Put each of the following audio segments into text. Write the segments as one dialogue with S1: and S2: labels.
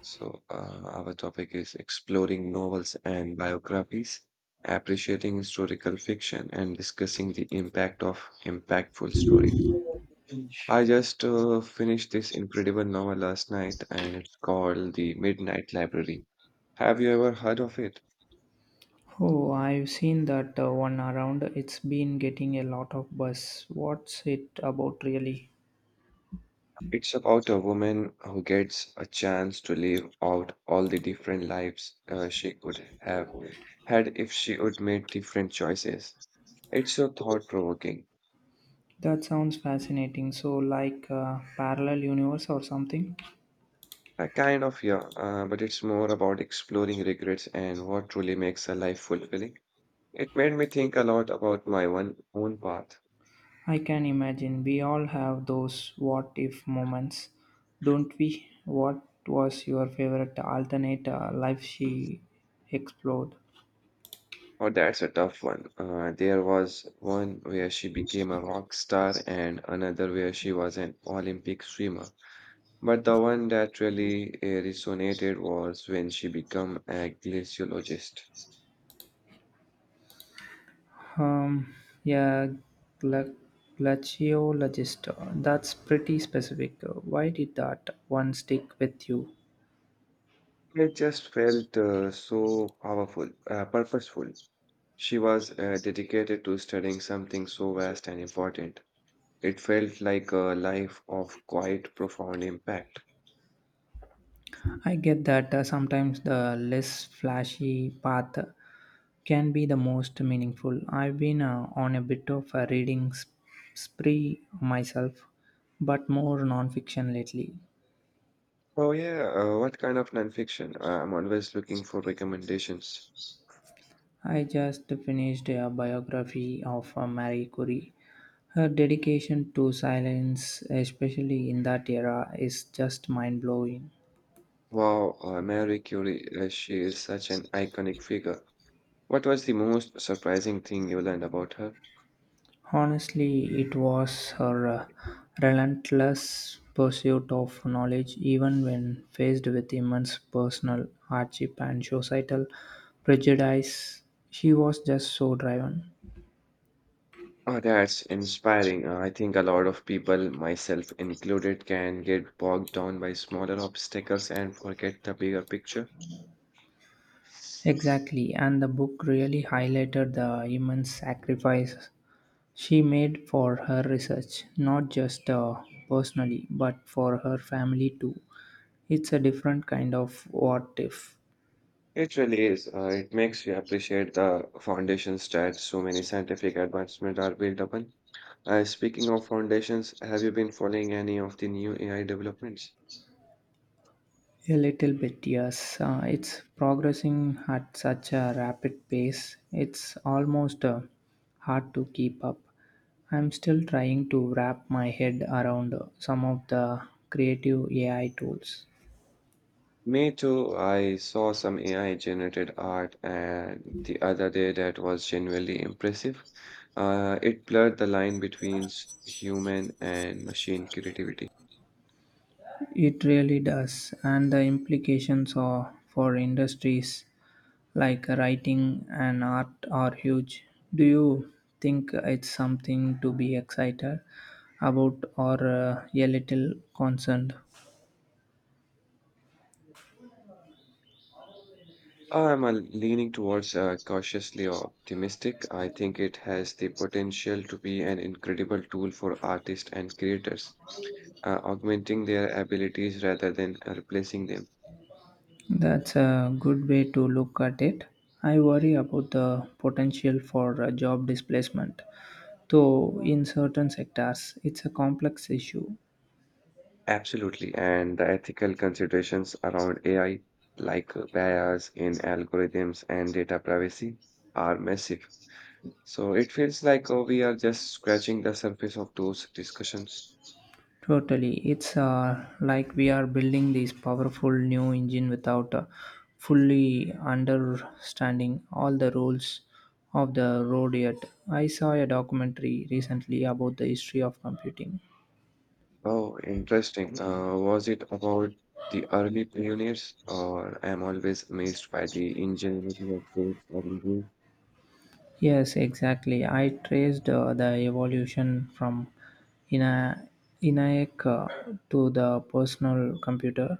S1: So, our topic is exploring novels and biographies, appreciating historical fiction, and discussing the impact of impactful stories. Mm. I just finished this incredible novel last night, and it's called The Midnight Library. Have you ever heard of it?
S2: Oh, I've seen that one around. It's been getting a lot of buzz. What's it about, really?
S1: It's about a woman who gets a chance to live out all the different lives she could have had if she would made different choices. It's so thought-provoking.
S2: That sounds fascinating. So, like a parallel universe or something?
S1: Kind of, yeah, but it's more about exploring regrets and what truly makes a life fulfilling. It made me think a lot about my one own path.
S2: I can imagine. We all have those what if moments, don't we? What was your favorite alternate life she explored?
S1: Oh, that's a tough one. There was one where she became a rock star and another where she was an Olympic swimmer. But the one that really resonated was when she became a glaciologist.
S2: Um, yeah, gla- Glaciologist. That's pretty specific. Why did that one stick with you?
S1: It just felt so powerful, purposeful. She was dedicated to studying something so vast and important. It felt like a life of quite profound impact.
S2: I get that, sometimes the less flashy path can be the most meaningful. I've been, on a bit of a reading spree myself, but more nonfiction lately.
S1: Oh, yeah, what kind of nonfiction? I'm always looking for recommendations.
S2: I just finished a biography of Marie Curie. Her dedication to silence, especially in that era, is just mind blowing.
S1: Wow, Mary Curie, she is such an iconic figure. What was the most surprising thing you learned about her?
S2: Honestly, it was her, relentless pursuit of knowledge, even when faced with immense personal hardship and societal prejudice. She was just so driven.
S1: Oh, that's inspiring. I think a lot of people, myself included, can get bogged down by smaller obstacles and forget the bigger picture.
S2: Exactly, and the book really highlighted the immense sacrifice she made for her research, not just personally, but for her family too. It's a different kind of what if.
S1: It really is. It makes you appreciate the foundations that so many scientific advancements are built upon. Speaking of foundations, have you been following any of the new AI developments?
S2: A little bit, yes. It's progressing at such a rapid pace, it's almost hard to keep up. I'm still trying to wrap my head around, some of the creative AI tools.
S1: Me too. I saw some AI generated art and the other day that was genuinely impressive. It blurred the line between human and machine creativity.
S2: It really does, and the implications are for industries like writing and art are huge. Do you think it's something to be excited about or a little concerned?
S1: I'm leaning towards cautiously optimistic. I think it has the potential to be an incredible tool for artists and creators, augmenting their abilities rather than replacing them.
S2: That's a good way to look at it. I worry about the potential for job displacement, though, in certain sectors, it's a complex issue.
S1: Absolutely. And the ethical considerations around AI, like bias in algorithms and data privacy, are massive. So it feels like we are just scratching the surface of those discussions.
S2: Totally. It's like we are building this powerful new engine without fully understanding all the rules of the road yet. I saw a documentary recently about the history of computing.
S1: Oh, interesting. Was it about the early pioneers, or I'm always amazed by the ingenuity of those early.
S2: Yes, exactly. I traced the evolution from Ina- ENIAC to the personal computer.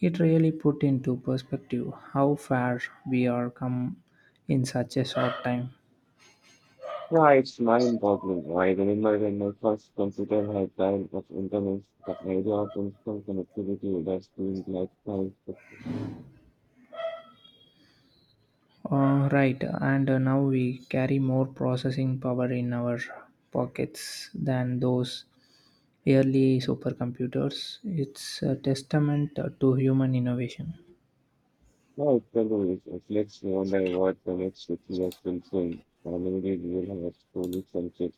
S2: It really put into perspective how far we are come in such a short time.
S1: Yeah, it's mind-boggling. I remember when my first computer had dial of internet, the idea of instant connectivity was doing like science fiction.
S2: Right, and now we carry more processing power in our pockets than those early supercomputers. It's a testament to human innovation.
S1: Now it's always it makes me wonder what the next 50 years will bring. Or maybe we will have truly subject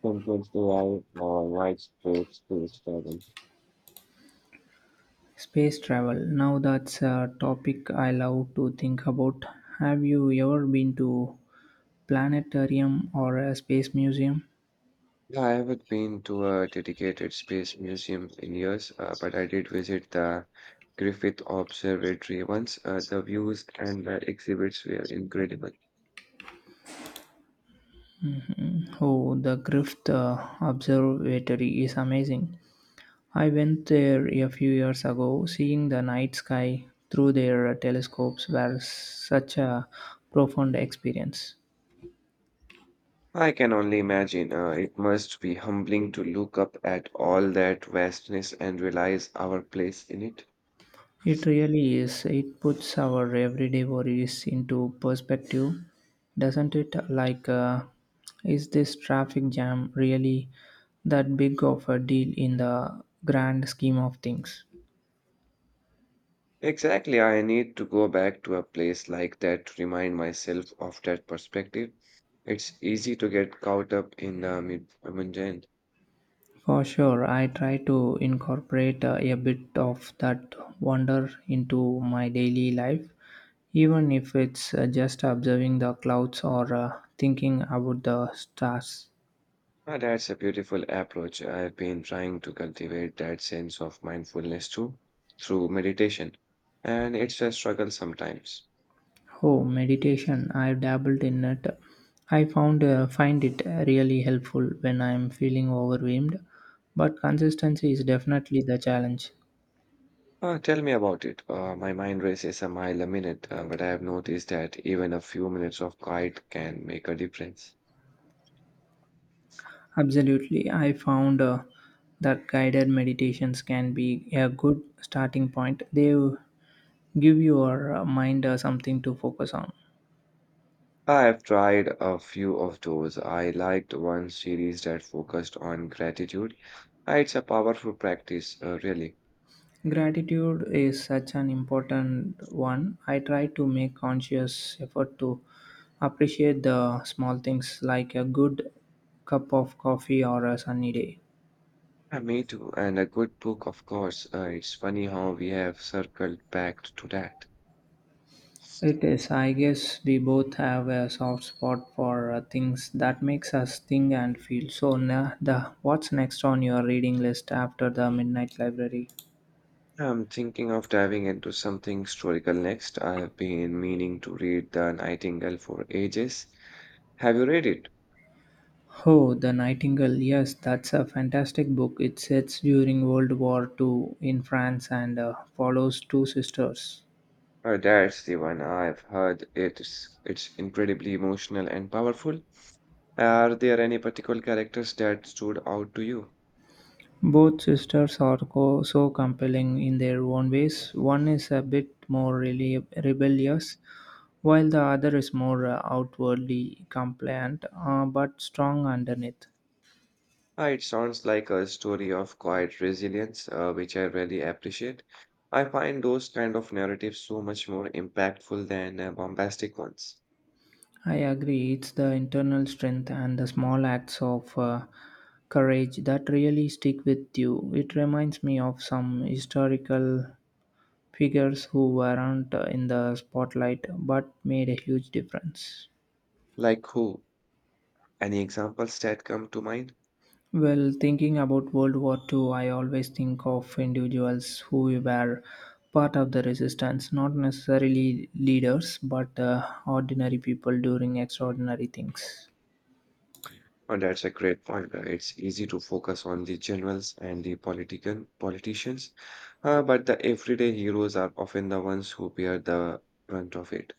S1: compared to or our widespread space travel.
S2: Space travel. Now that's a topic I love to think about. Have you ever been to planetarium or a space museum?
S1: Yeah, I haven't been to a dedicated space museum in years, but I did visit the Griffith Observatory once. The views and the exhibits were incredible.
S2: Oh, the Griffith Observatory is amazing. I went there a few years ago. Seeing the night sky through their telescopes was such a profound experience.
S1: I can only imagine. It must be humbling to look up at all that vastness and realize our place in it.
S2: It really is. It puts our everyday worries into perspective, doesn't it? Like, is this traffic jam really that big of a deal in the grand scheme of things?
S1: Exactly, I need to go back to a place like that to remind myself of that perspective. It's easy to get caught up in the mundane.
S2: For sure, I try to incorporate a bit of that wonder into my daily life, even if it's just observing the clouds or thinking about the stars.
S1: Ah, that's a beautiful approach. I've been trying to cultivate that sense of mindfulness too through meditation, and it's a struggle sometimes.
S2: Oh, meditation. I've dabbled in it. I found find it really helpful when I'm feeling overwhelmed, but consistency is definitely the challenge.
S1: Tell me about it. My mind races a mile a minute, but I have noticed that even a few minutes of quiet can make a difference.
S2: Absolutely. I found, that guided meditations can be a good starting point. They give your mind something to focus on.
S1: I have tried a few of those. I liked one series that focused on gratitude. It's a powerful practice, really.
S2: Gratitude is such an important one. I try to make conscious effort to appreciate the small things like a good cup of coffee or a sunny day.
S1: Me too, and a good book, of course. It's funny how we have circled back to that.
S2: It is, I guess, we both have a soft spot for things that makes us think and feel. So, the what's next on your reading list after the midnight library?
S1: I'm thinking of diving into something historical next. I have been meaning to read The Nightingale for ages. Have you read it?
S2: Oh, The Nightingale. Yes, that's a fantastic book. It sets during World War Two in France and follows two sisters.
S1: Oh, that's the one I've heard. It's incredibly emotional and powerful. Are there any particular characters that stood out to you?
S2: Both sisters are so compelling in their own ways. One is a bit more rebellious, while the other is more outwardly compliant, but strong underneath.
S1: Ah, it sounds like a story of quiet resilience, which I really appreciate. I find those kind of narratives so much more impactful than bombastic ones.
S2: I agree. It's the internal strength and the small acts of, courage that really stick with you. It reminds me of some historical figures who weren't in the spotlight but made a huge difference.
S1: Like who? Any examples that come to mind?
S2: Well, thinking about World War Two, I always think of individuals who were part of the resistance, not necessarily leaders, but ordinary people doing extraordinary things.
S1: And that's a great point. It's easy to focus on the generals and the political politicians, but the everyday heroes are often the ones who bear the brunt of it.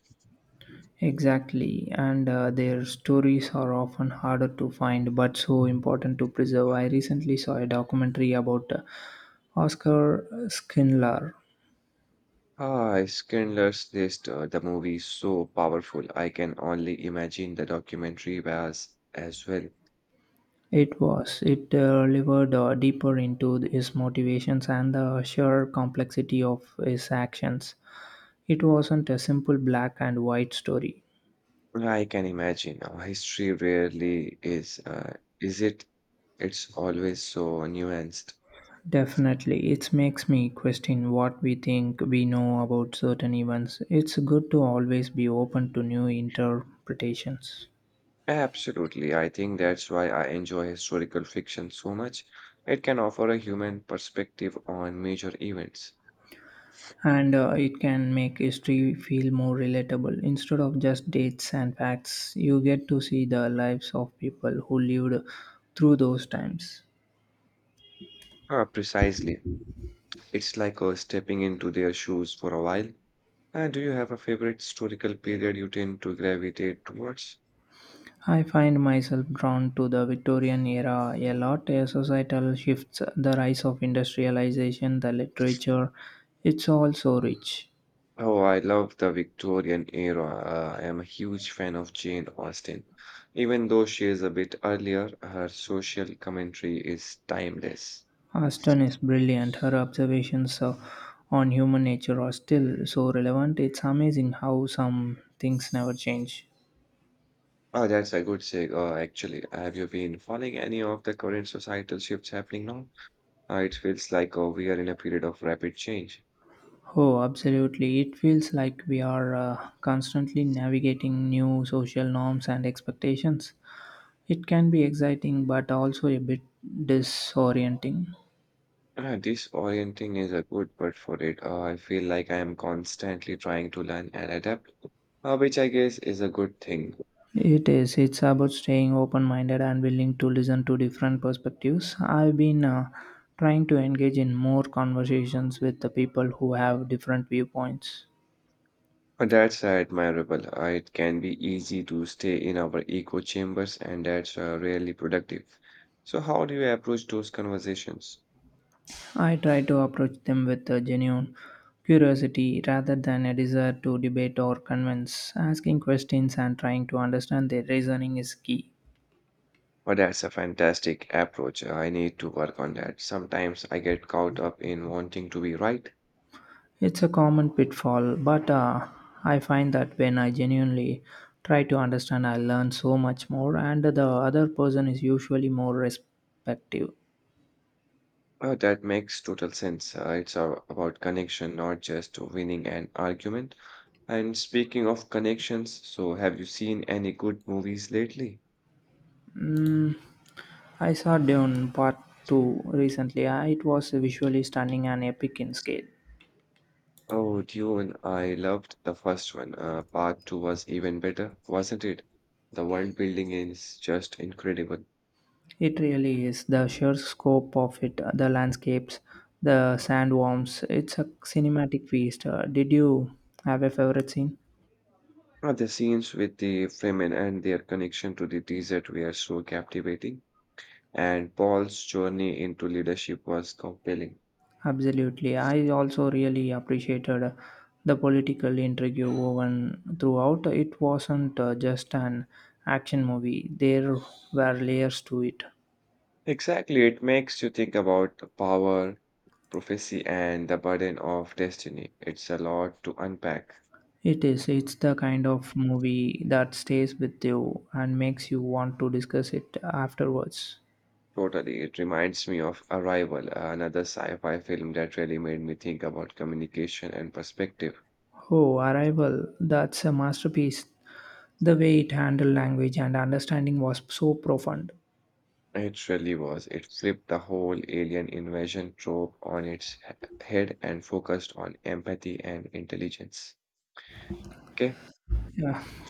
S2: Exactly, and their stories are often harder to find but so important to preserve. I recently saw a documentary about Oscar Schindler.
S1: Ah, Schindler's List, the movie is so powerful. I can only imagine the documentary was as well.
S2: It delivered, deeper into his motivations and the sheer complexity of his actions. It wasn't a simple black and white story.
S1: I can imagine. History rarely is it? It's always so nuanced.
S2: Definitely, it makes me question what we think we know about certain events. It's good to always be open to new interpretations.
S1: Absolutely. I think that's why I enjoy historical fiction so much. It can offer a human perspective on major events.
S2: And it can make history feel more relatable. Instead of just dates and facts, you get to see the lives of people who lived through those times.
S1: Ah, precisely. It's like stepping into their shoes for a while. Do you have a favorite historical period you tend to gravitate towards?
S2: I find myself drawn to the Victorian era a lot, a societal shifts, the rise of industrialization, the literature. It's all so rich.
S1: Oh, I love the Victorian era. I am a huge fan of Jane Austen. Even though she is a bit earlier, her social commentary is timeless.
S2: Aston is brilliant. Her observations on human nature are still so relevant. It's amazing how some things never change.
S1: Oh, that's a good segue, actually. Have you been following any of the current societal shifts happening now? It feels like we are in a period of rapid change.
S2: Oh, absolutely. It feels like we are constantly navigating new social norms and expectations. It can be exciting, but also a bit disorienting.
S1: Disorienting is a good word for it. I feel like I am constantly trying to learn and adapt, which I guess is a good thing.
S2: It is. It's about staying open minded and willing to listen to different perspectives. I've been, trying to engage in more conversations with the people who have different viewpoints.
S1: That's admirable. It can be easy to stay in our echo chambers, and that's really productive. So, how do you approach those conversations?
S2: I try to approach them with a genuine curiosity rather than a desire to debate or convince. Asking questions and trying to understand their reasoning is key.
S1: But that's a fantastic approach. I need to work on that. Sometimes I get caught up in wanting to be right.
S2: It's a common pitfall, but I find that when I genuinely try to understand, I learn so much more, and the other person is usually more respective.
S1: Oh, that makes total sense. It's about connection, not just winning an argument. And speaking of connections, so have you seen any good movies lately?
S2: Mm, I saw Dune Part 2 recently. It was visually stunning and epic in scale.
S1: Oh, Dune, I loved the first one. Part two was even better, wasn't it? The world building is just incredible.
S2: It really is the sheer scope of it, the landscapes, the sandworms. It's a cinematic feast. Did you have a favorite scene?
S1: The scenes with the Fremen and their connection to the desert were so captivating, and Paul's journey into leadership was compelling.
S2: Absolutely. I also really appreciated the political intrigue woven throughout. It wasn't just an action movie, there were layers to it.
S1: Exactly, it makes you think about the power, prophecy, and the burden of destiny. It's a lot to unpack.
S2: It is. It's the kind of movie that stays with you and makes you want to discuss it afterwards.
S1: Totally, it reminds me of Arrival, another sci fi film that really made me think about communication and perspective.
S2: Oh, Arrival, that's a masterpiece. The way it handled language and understanding was so profound.
S1: It really was. It flipped the whole alien invasion trope on its head and focused on empathy and intelligence. Okay.
S2: Yeah.